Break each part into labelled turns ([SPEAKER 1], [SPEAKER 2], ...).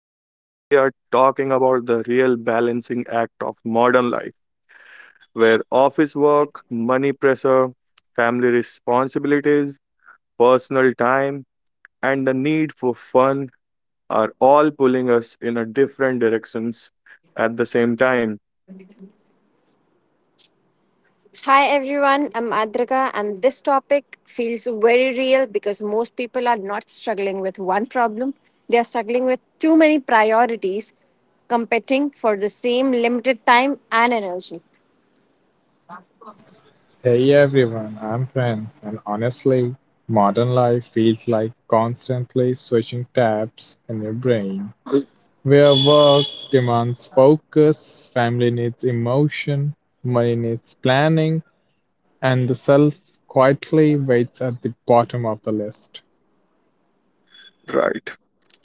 [SPEAKER 1] and today we are talking about the real balancing act of modern life, where office work, money pressure, family responsibilities, personal time, and the need for fun are all pulling us in a different directions at the same time.
[SPEAKER 2] Hi everyone, I'm Adrika, and this topic feels very real because most people are not struggling with one problem. They are struggling with too many priorities competing for the same limited time and energy.
[SPEAKER 3] Hey everyone, I'm Prince, and honestly, modern life feels like constantly switching tabs in your brain. Where work demands focus, family needs emotion, money needs planning, and the self quietly waits at the bottom of the list.
[SPEAKER 1] Right.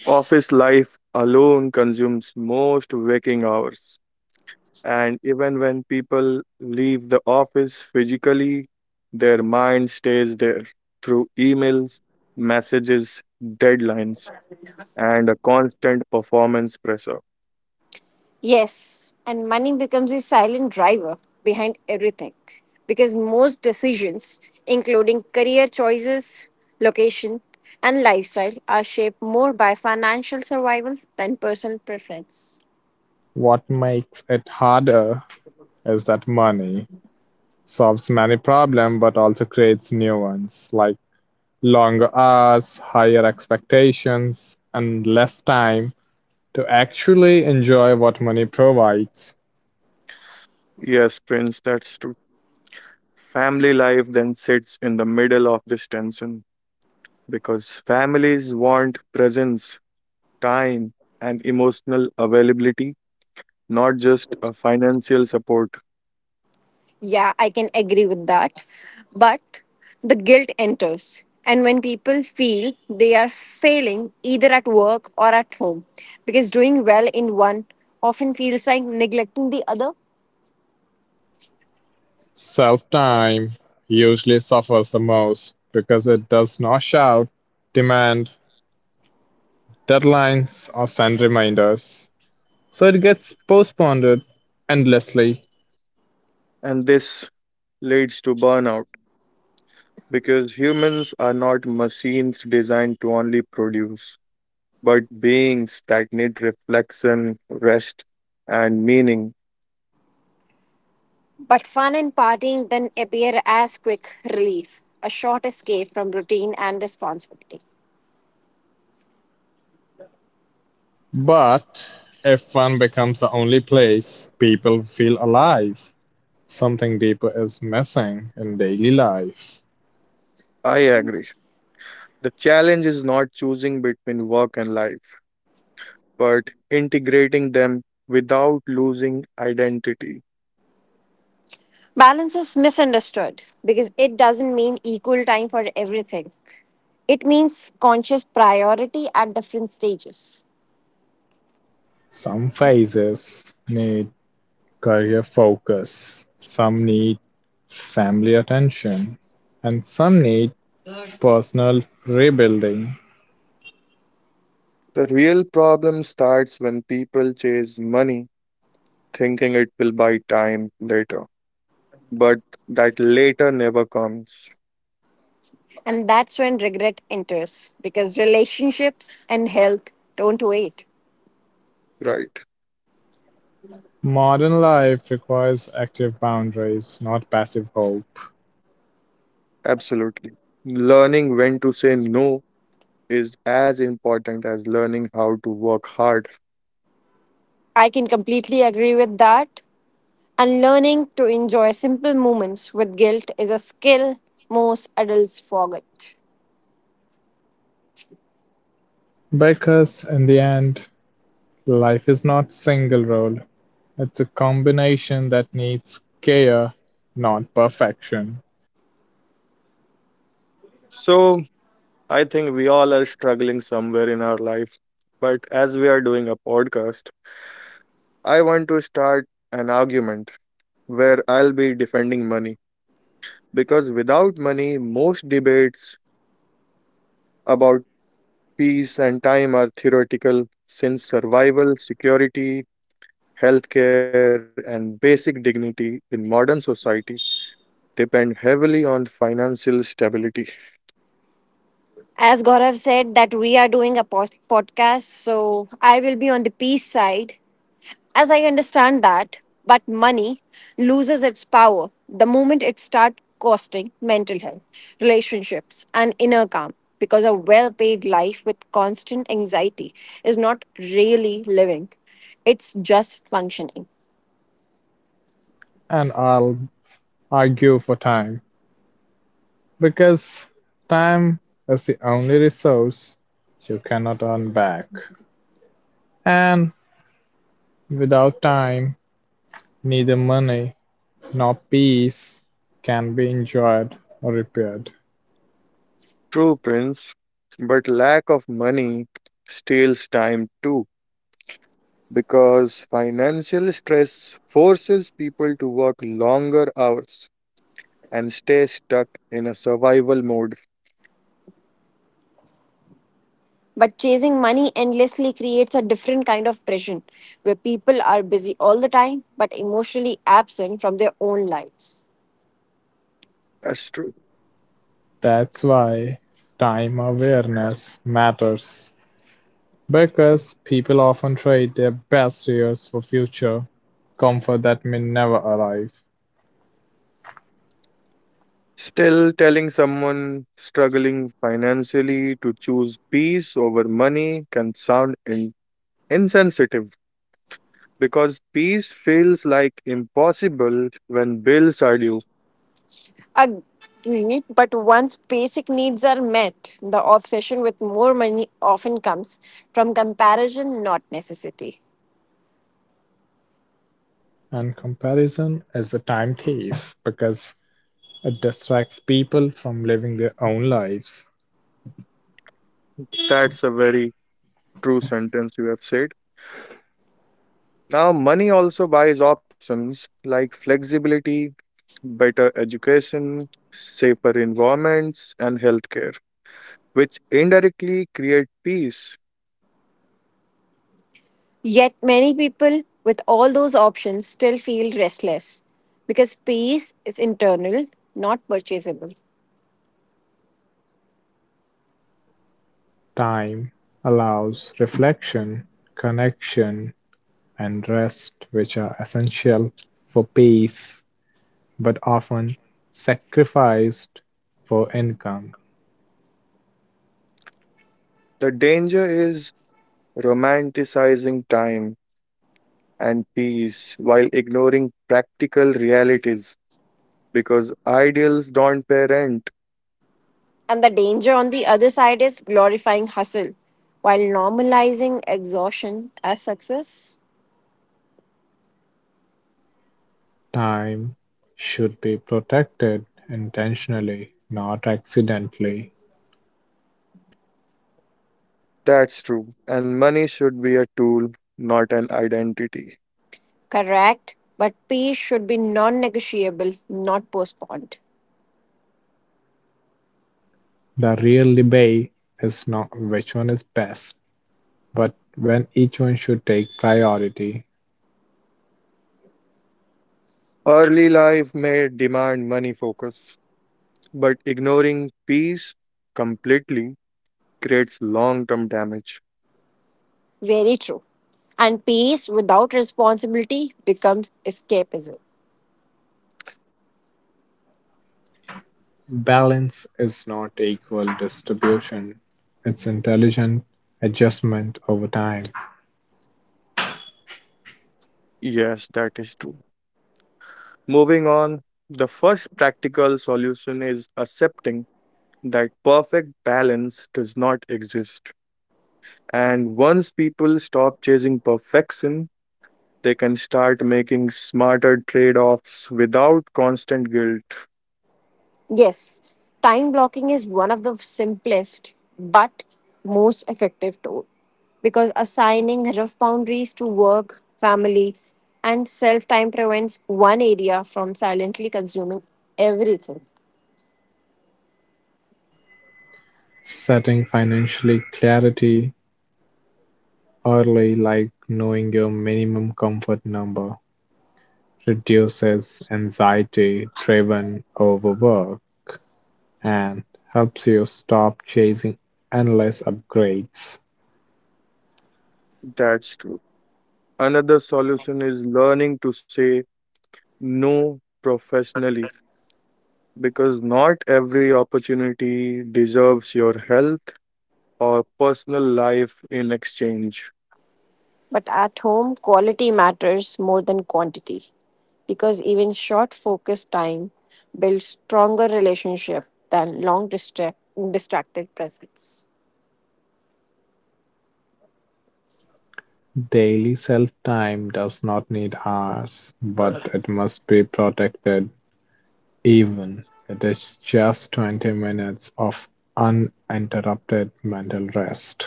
[SPEAKER 1] Office life alone consumes most waking hours, and even when people leave the office physically, their mind stays there through emails, messages, deadlines, and a constant performance pressure.
[SPEAKER 2] Yes, and money becomes a silent driver behind everything because most decisions, including career choices, location, and lifestyle, are shaped more by financial survival than personal preference.
[SPEAKER 3] What makes it harder is that money solves many problems but also creates new ones, like longer hours, higher expectations, and less time to actually enjoy what money provides.
[SPEAKER 1] Yes, Prince, that's true. Family life then sits in the middle of this tension because families want presence, time, and emotional availability, not just a financial support.
[SPEAKER 2] Yeah, I can agree with that. But the guilt enters. And when people feel they are failing either at work or at home, because doing well in one often feels like neglecting the other,
[SPEAKER 3] Self-time usually suffers the most because it does not shout, demand deadlines, or send reminders. So it gets postponed endlessly.
[SPEAKER 1] And this leads to burnout because humans are not machines designed to only produce, but beings that need reflection, rest, and meaning.
[SPEAKER 2] but fun and partying then appear as quick relief, a short escape from routine and responsibility.
[SPEAKER 3] But if fun becomes the only place people feel alive, something deeper is missing in daily life.
[SPEAKER 1] I agree. The challenge is not choosing between work and life, but integrating them without losing identity.
[SPEAKER 2] Balance is misunderstood because it doesn't mean equal time for everything, it means conscious priority at different stages.
[SPEAKER 3] Some phases need career focus, some need family attention, and some need personal rebuilding.
[SPEAKER 1] The real problem starts when people chase money, thinking it will buy time later, but that later never comes.
[SPEAKER 2] And that's when regret enters because relationships and health don't wait.
[SPEAKER 1] Right,
[SPEAKER 3] Modern life requires active boundaries, not passive hope.
[SPEAKER 1] absolutely, learning when to say no is as important as learning how to work hard.
[SPEAKER 2] I can completely agree with that. And learning to enjoy simple moments with guilt is a skill most adults forget.
[SPEAKER 3] Because in the end, life is not single role. It's a combination that needs care, not perfection.
[SPEAKER 1] So, I think we all are struggling somewhere in our life. But as we are doing a podcast, I want to start an argument where I'll be defending money because without money, most debates about peace and time are theoretical since survival, security, healthcare, and basic dignity in modern society depend heavily on financial stability.
[SPEAKER 2] As Gaurav said, that we are doing a podcast, so I will be on the peace side. As I understand that, but money loses its power the moment it starts costing mental health, relationships, and inner calm. Because a well paid life with constant anxiety is not really living, it's just functioning.
[SPEAKER 3] And I'll argue for time. Because time is the only resource you cannot earn back. And without time, neither money nor peace can be enjoyed or repaired.
[SPEAKER 1] True, Prince, but lack of money steals time too, because financial stress forces people to work longer hours and stay stuck in a survival mode.
[SPEAKER 2] But chasing money endlessly creates a different kind of pressure where people are busy all the time but emotionally absent from their own lives.
[SPEAKER 1] That's true.
[SPEAKER 3] That's why time awareness matters. Because people often trade their best years for future comfort that may never arrive.
[SPEAKER 1] Still, telling someone struggling financially to choose peace over money can sound insensitive because peace feels like impossible when bills are due.
[SPEAKER 2] Agreed, but once basic needs are met, the obsession with more money often comes from comparison, not necessity.
[SPEAKER 3] And comparison is a time thief because it distracts people from living their own lives.
[SPEAKER 1] That's a very true sentence you have said. Now, money also buys options like flexibility, better education, safer environments, and healthcare, which indirectly create peace.
[SPEAKER 2] Yet, many people with all those options still feel restless because peace is internal, not purchasable.
[SPEAKER 3] Time allows reflection, connection, and rest which are essential for peace but often sacrificed for income.
[SPEAKER 1] The danger is romanticizing time and peace while ignoring practical realities because ideals don't pay rent.
[SPEAKER 2] And the danger on the other side is glorifying hustle while normalizing exhaustion as success.
[SPEAKER 3] Time should be protected intentionally, not accidentally.
[SPEAKER 1] That's true. And money should be a tool, not an identity.
[SPEAKER 2] Correct, but peace should be non negotiable, not postponed.
[SPEAKER 3] The real debate is not which one is best, but when each one should take priority.
[SPEAKER 1] Early life may demand money focus, but ignoring peace completely creates long term damage.
[SPEAKER 2] Very true. And peace without responsibility becomes escapism.
[SPEAKER 3] Balance is not equal distribution, it's intelligent adjustment over time.
[SPEAKER 1] Yes, that is true. Moving on, the first practical solution is accepting that perfect balance does not exist. And once people stop chasing perfection, they can start making smarter trade offs without constant guilt.
[SPEAKER 2] Yes, time blocking is one of the simplest but most effective tool because assigning rough boundaries to work, family, and self time prevents one area from silently consuming everything.
[SPEAKER 3] Setting financially clarity early, like knowing your minimum comfort number, reduces anxiety driven overwork and helps you stop chasing endless upgrades.
[SPEAKER 1] That's true. Another solution is learning to say no professionally because not every opportunity deserves your health or personal life in exchange.
[SPEAKER 2] But at home, quality matters more than quantity because even short focused time builds stronger relationship than distracted presence.
[SPEAKER 3] Daily self time does not need hours, but it must be protected, even it is just 20 minutes of uninterrupted mental rest.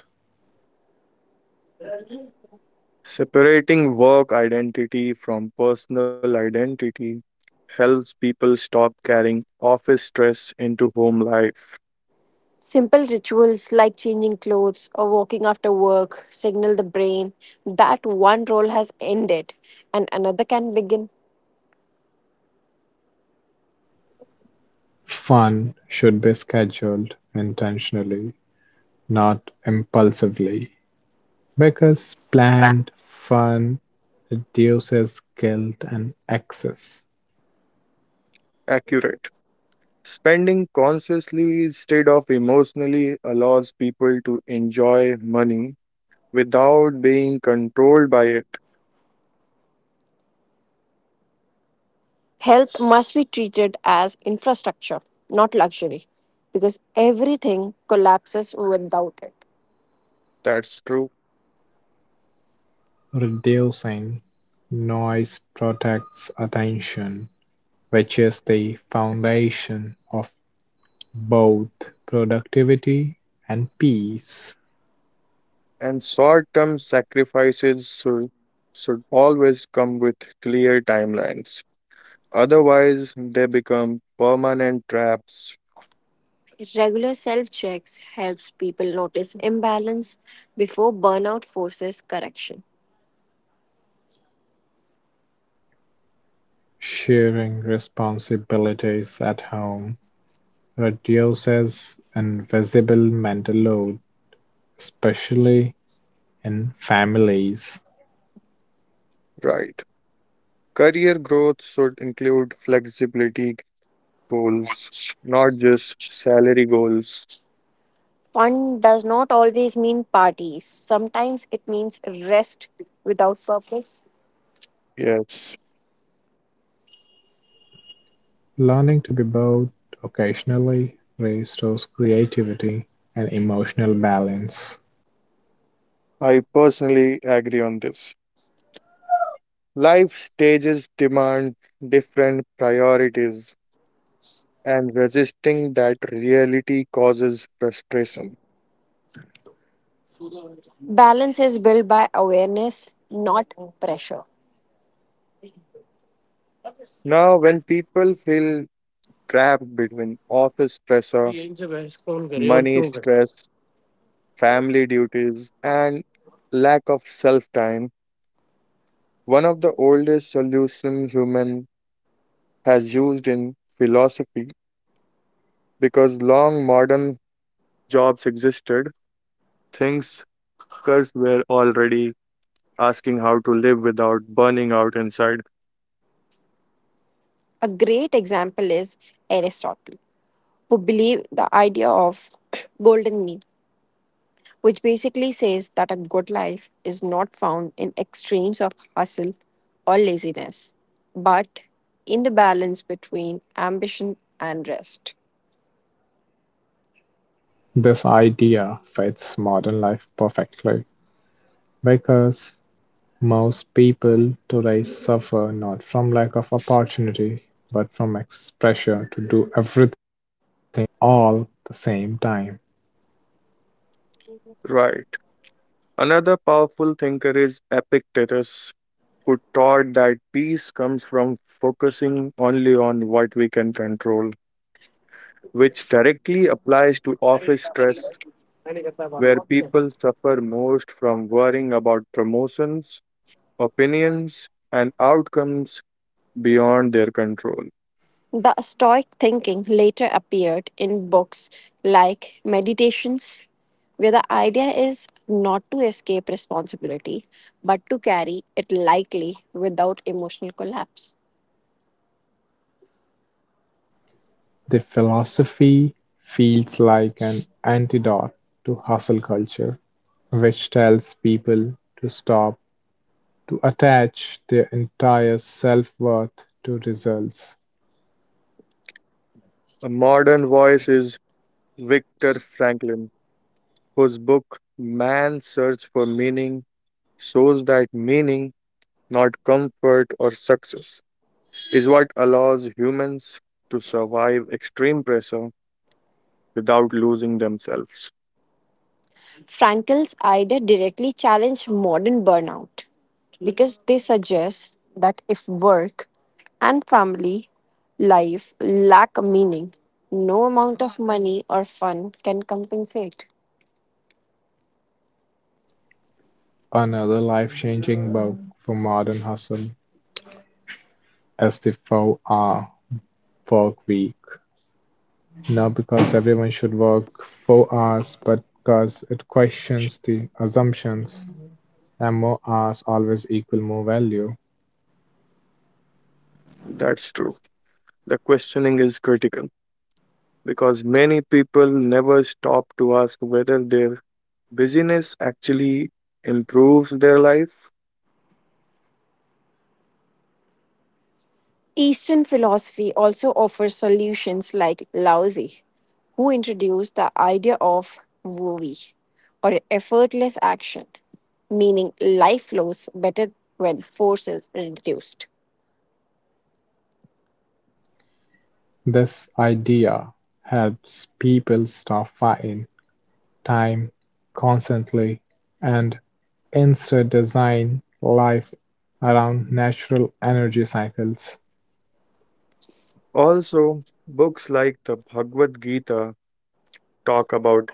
[SPEAKER 1] Separating work identity from personal identity helps people stop carrying office stress into home life.
[SPEAKER 2] Simple rituals like changing clothes or walking after work signal the brain that one role has ended and another can begin.
[SPEAKER 3] Fun should be scheduled intentionally, not impulsively. Because planned fun reduces guilt and excess,
[SPEAKER 1] Accurate. Spending consciously instead of emotionally allows people to enjoy money without being controlled by it.
[SPEAKER 2] Health must be treated as infrastructure, not luxury, because everything collapses without it.
[SPEAKER 1] That's true.
[SPEAKER 3] reducing noise protects attention, which is the foundation of both productivity and peace.
[SPEAKER 1] And short term should always come with clear timelines. Otherwise, they become permanent traps,
[SPEAKER 2] Regular self checks helps people notice imbalance before burnout forces correction.
[SPEAKER 3] Sharing responsibilities at home reduces invisible mental load, especially in families.
[SPEAKER 1] right? Career growth should include flexibility goals, not just salary goals.
[SPEAKER 2] Fun does not always mean parties. Sometimes it means rest without purpose.
[SPEAKER 1] Yes,
[SPEAKER 3] Learning to be bored occasionally restores creativity and emotional balance.
[SPEAKER 1] I personally agree on this. Life stages demand different priorities, and resisting that reality causes frustration.
[SPEAKER 2] Balance is built by awareness, not pressure.
[SPEAKER 1] Now, when people feel trapped between office pressure, money stress, family duties, and lack of self time. One of the oldest solutions human has used in philosophy because long modern jobs existed, things workers were already asking how to live without burning out inside.
[SPEAKER 2] A great example is Aristotle, who believed the idea of golden mean, which basically says that a good life is not found in extremes of hustle or laziness, but in the balance between ambition and rest.
[SPEAKER 3] This idea fits modern life perfectly because most people today suffer not from lack of opportunity but from excess pressure to do everything all at the same time.
[SPEAKER 1] Right. Another powerful thinker is Epictetus, who taught that peace comes from focusing only on what we can control, which directly applies to office stress, where people suffer most from worrying about promotions, opinions, and outcomes beyond their control.
[SPEAKER 2] The Stoic thinking later appeared in books like Meditations, where the idea is not to escape responsibility, but to carry it lightly without emotional collapse.
[SPEAKER 3] The philosophy feels like an antidote to hustle culture, which tells people to stop to attach their entire self-worth to results.
[SPEAKER 1] A modern voice is Viktor Franklin, whose book Man's Search for Meaning shows that meaning, not comfort or success, is what allows humans to survive extreme pressure without losing themselves.
[SPEAKER 2] Frankel's idea directly challenged modern burnout because they suggest that if work and family life lack a meaning, no amount of money or fun can compensate.
[SPEAKER 3] Another life-changing book for modern hustle is the four-hour workweek. Not because everyone should work 4 hours, but because it questions the assumptions that more hours always equal more value.
[SPEAKER 1] That's true. The questioning is critical because many people never stop to ask whether their busyness actually improves their life.
[SPEAKER 2] Eastern philosophy also offers solutions like Laozi, who introduced the idea of Wu Wei, or effortless action, meaning life flows better when force is reduced.
[SPEAKER 3] This idea helps people stop fighting time constantly and instead design life around natural energy cycles.
[SPEAKER 1] Also, books like the Bhagavad Gita talk about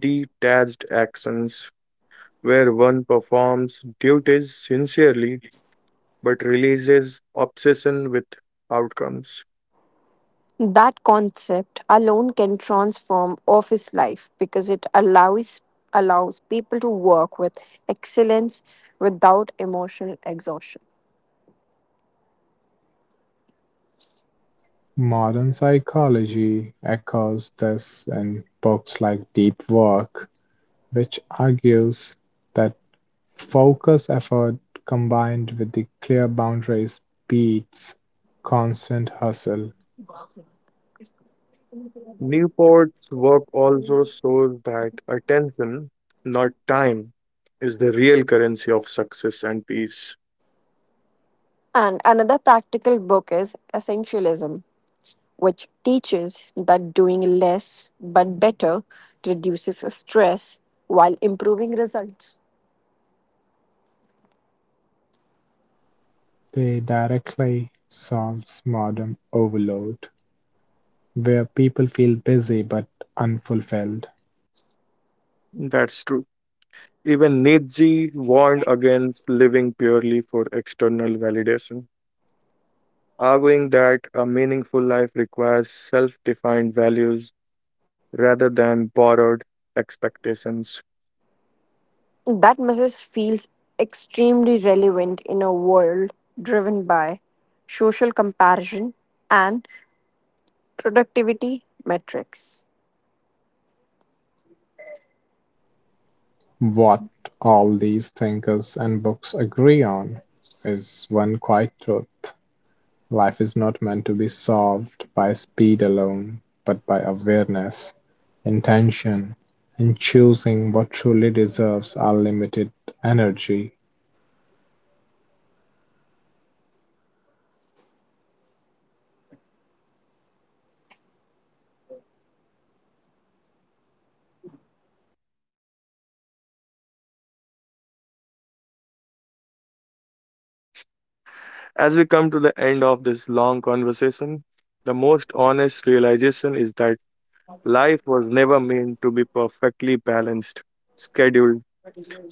[SPEAKER 1] detached actions where one performs duties sincerely but releases obsession with outcomes.
[SPEAKER 2] That concept alone can transform office life because it allows people to work with excellence without emotional exhaustion.
[SPEAKER 3] Modern psychology echoes this in books like Deep Work, which argues that focused effort combined with the clear boundaries beats constant hustle.
[SPEAKER 1] Newport's work also shows that attention, not time, is the real currency of success and peace.
[SPEAKER 2] And another practical book is Essentialism, which teaches that doing less but better reduces stress while improving results.
[SPEAKER 3] They directly solves modern overload, where people feel busy but unfulfilled.
[SPEAKER 1] That's true. Even Nietzsche warned against living purely for external validation, arguing that a meaningful life requires self defined values rather than borrowed expectations.
[SPEAKER 2] That message feels extremely relevant in a world driven by social comparison and productivity metrics.
[SPEAKER 3] What all these thinkers and books agree on is one quiet truth: life is not meant to be solved by speed alone, but by awareness, intention, and choosing what truly deserves our limited energy.
[SPEAKER 1] As we come to the end of this long conversation, the most honest realization is that life was never meant to be perfectly balanced, scheduled,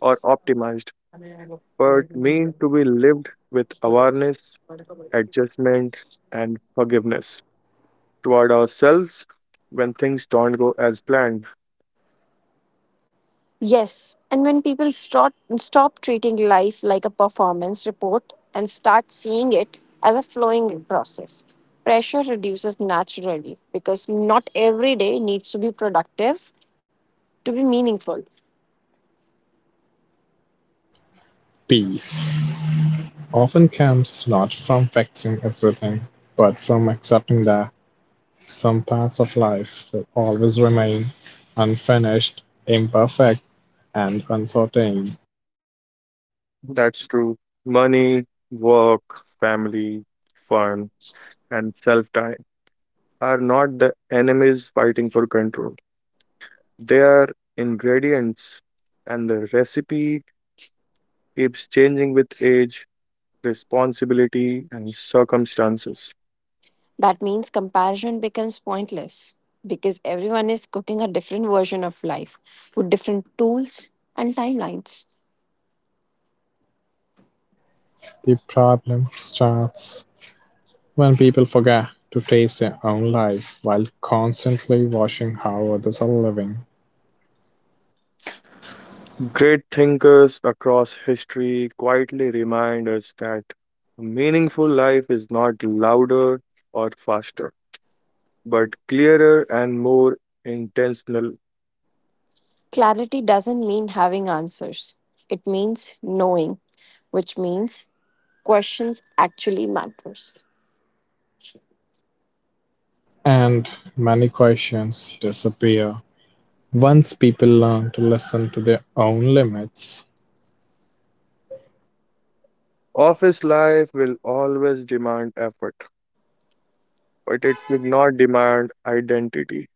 [SPEAKER 1] or optimized, but meant to be lived with awareness, adjustment, and forgiveness toward ourselves when things don't go as planned.
[SPEAKER 2] Yes, and when people stop treating life like a performance report and start seeing it as a flowing process, pressure reduces naturally because not every day needs to be productive to be meaningful.
[SPEAKER 3] Peace often comes not from fixing everything, but from accepting that some parts of life will always remain unfinished, imperfect, and uncertain.
[SPEAKER 1] That's true. Money, work, family, fun, and self time are not the enemies fighting for control. They are ingredients, and the recipe keeps changing with age, responsibility, and circumstances.
[SPEAKER 2] That means comparison becomes pointless because everyone is cooking a different version of life with different tools and timelines.
[SPEAKER 3] The problem starts when people forget to taste their own life while constantly watching how others are living,
[SPEAKER 1] Great thinkers across history quietly remind us that a meaningful life is not louder or faster, but clearer and more intentional.
[SPEAKER 2] Clarity doesn't mean having answers. It means knowing which means questions actually matters.
[SPEAKER 3] and many questions disappear. Once people learn to listen to their own limits,
[SPEAKER 1] Office life will always demand effort, but it will not demand identity.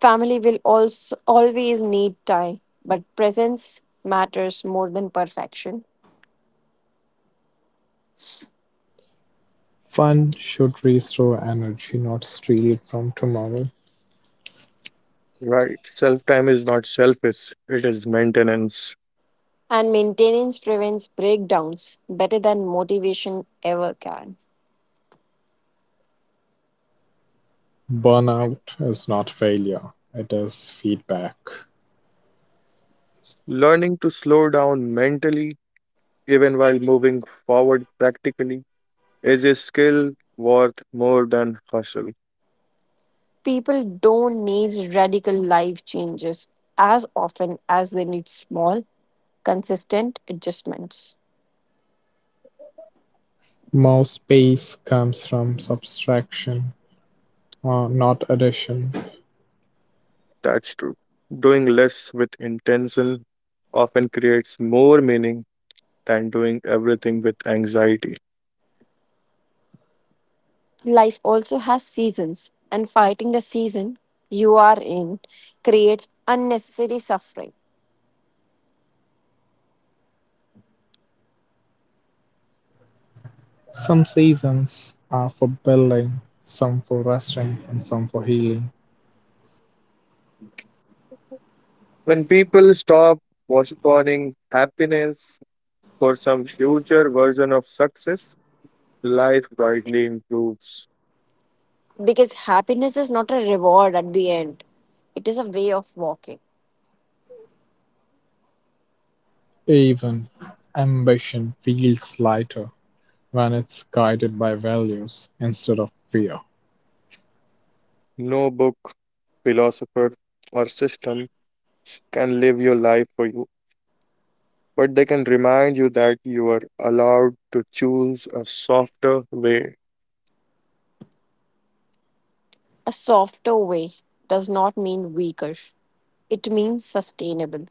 [SPEAKER 2] Family will also always need time, but presence matters more than perfection.
[SPEAKER 3] fun should restore energy, not steal it from tomorrow.
[SPEAKER 1] Right? Self time is not selfish, it is maintenance.
[SPEAKER 2] And maintenance prevents breakdowns better than motivation ever can.
[SPEAKER 3] Burnout is not failure, it is feedback.
[SPEAKER 1] Learning to slow down mentally, even while moving forward practically, is a skill worth more than hustle.
[SPEAKER 2] People don't need radical life changes as often as they need small, consistent adjustments.
[SPEAKER 3] More space comes from subtraction, or not addition.
[SPEAKER 1] That's true. Doing less with intention often creates more meaning than doing everything with anxiety.
[SPEAKER 2] Life also has seasons, and fighting the season you are in creates unnecessary suffering
[SPEAKER 3] Some seasons are for building, some for resting, and some for healing.
[SPEAKER 1] When people stop postponing happiness for some future version of success, life greatly improves.
[SPEAKER 2] because happiness is not a reward at the end, it is a way of walking.
[SPEAKER 3] Even ambition feels lighter when it's guided by values instead of fear.
[SPEAKER 1] No book, philosopher, or system can live your life for you, but they can remind you that you are allowed to choose a softer way.
[SPEAKER 2] A softer way does not mean weaker, it means sustainable.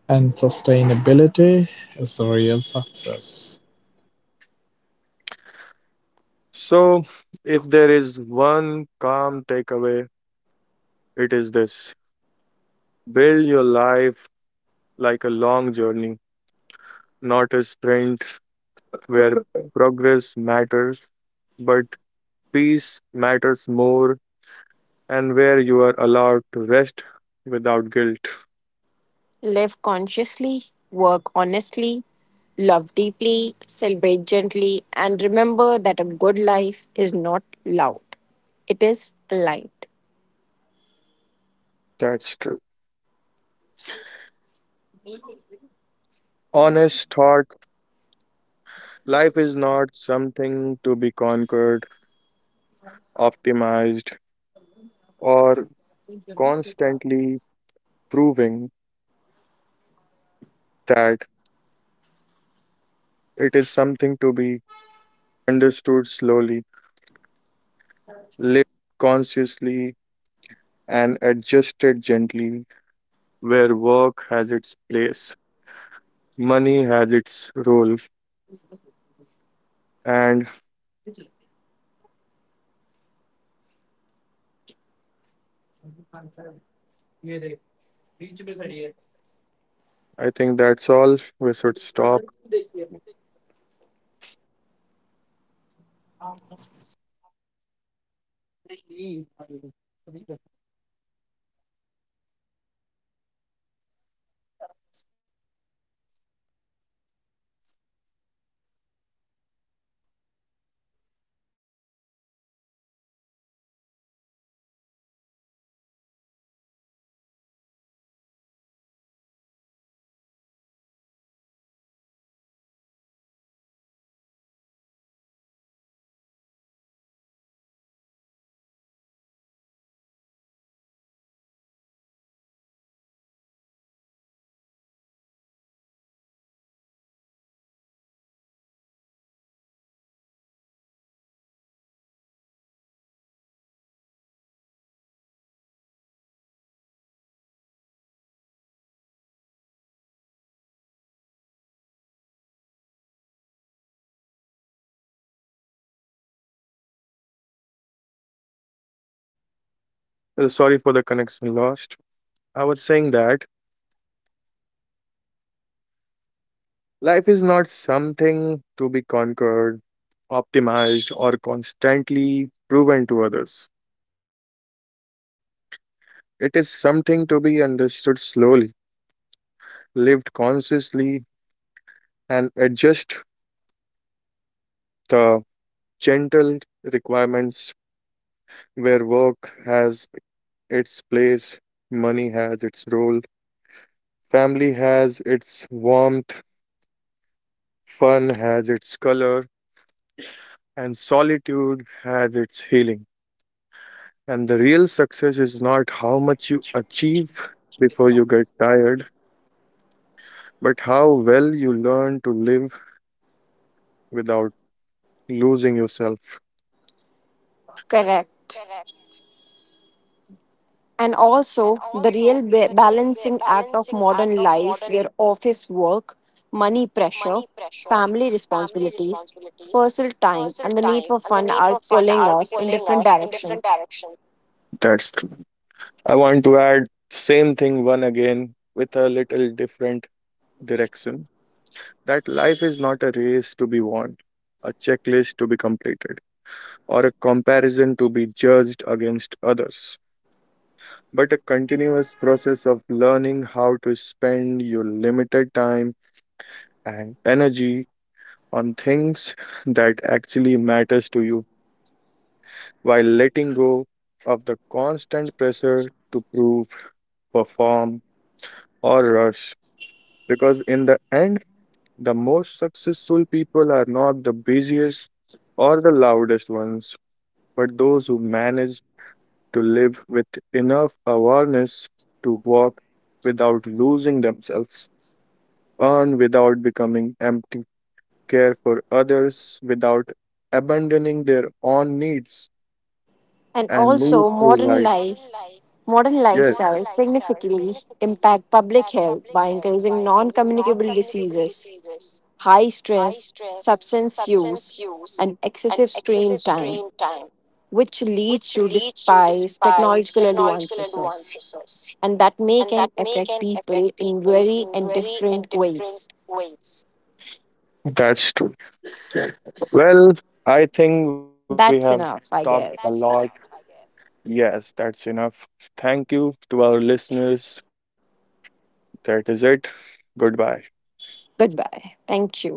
[SPEAKER 3] And sustainability is the real success.
[SPEAKER 1] So, if there is one calm takeaway, it is this: build your life like a long journey, not a sprint, where progress matters, but peace matters more, and where you are allowed to rest without guilt.
[SPEAKER 2] Live consciously, work honestly, love deeply, celebrate gently, and remember that a good life is not loud, it is light.
[SPEAKER 1] That's true. Honest thought: life is not something to be conquered, optimized, or constantly proving that, it is something to be understood slowly, lived consciously, and adjusted gently, where work has its place, money has its role, and I think that's all. We should stop. Uh, Sorry for the connection lost. I was saying that life is not something to be conquered, optimized, or constantly proven to others. It is something to be understood slowly, lived consciously, and adjust the gentle requirements where work has its place, money has its role, family has its warmth, fun has its color, and solitude has its healing. And the real success is not how much you achieve before you get tired, but how well you learn to live without losing yourself.
[SPEAKER 2] Correct. And also, the real balancing act of modern life, where office work, money pressure, family responsibilities, personal time, and the need for fun are pulling us in different directions.
[SPEAKER 1] That's true. I want to add same thing one again with a little different direction, that life is not a race to be won, a checklist to be completed, or a comparison to be judged against others, but a continuous process of learning how to spend your limited time and energy on things that actually matters to you, while letting go of the constant pressure to prove, perform or rush, because in the end the most successful people are not the busiest or the loudest ones, but those who manage to live with enough awareness to walk without losing themselves, earn without becoming empty, care for others without abandoning their own needs,
[SPEAKER 2] And
[SPEAKER 1] and move
[SPEAKER 2] also,
[SPEAKER 1] through life.
[SPEAKER 2] modern
[SPEAKER 1] Modern Yes,
[SPEAKER 2] lifestyles
[SPEAKER 1] modern,
[SPEAKER 2] significantly impact public health by increasing non-communicable diseases, high stress, substance use, and excessive screen time, which leads to despise technological advances. And that may can affect people in very and different ways.
[SPEAKER 1] that's true. Well, I think we have
[SPEAKER 2] That's
[SPEAKER 1] talked a
[SPEAKER 2] enough, I
[SPEAKER 1] lot. Guess.
[SPEAKER 2] guess.
[SPEAKER 1] Yes, that's enough. Thank you to our listeners. That is it. Goodbye.
[SPEAKER 2] Goodbye. Thank you.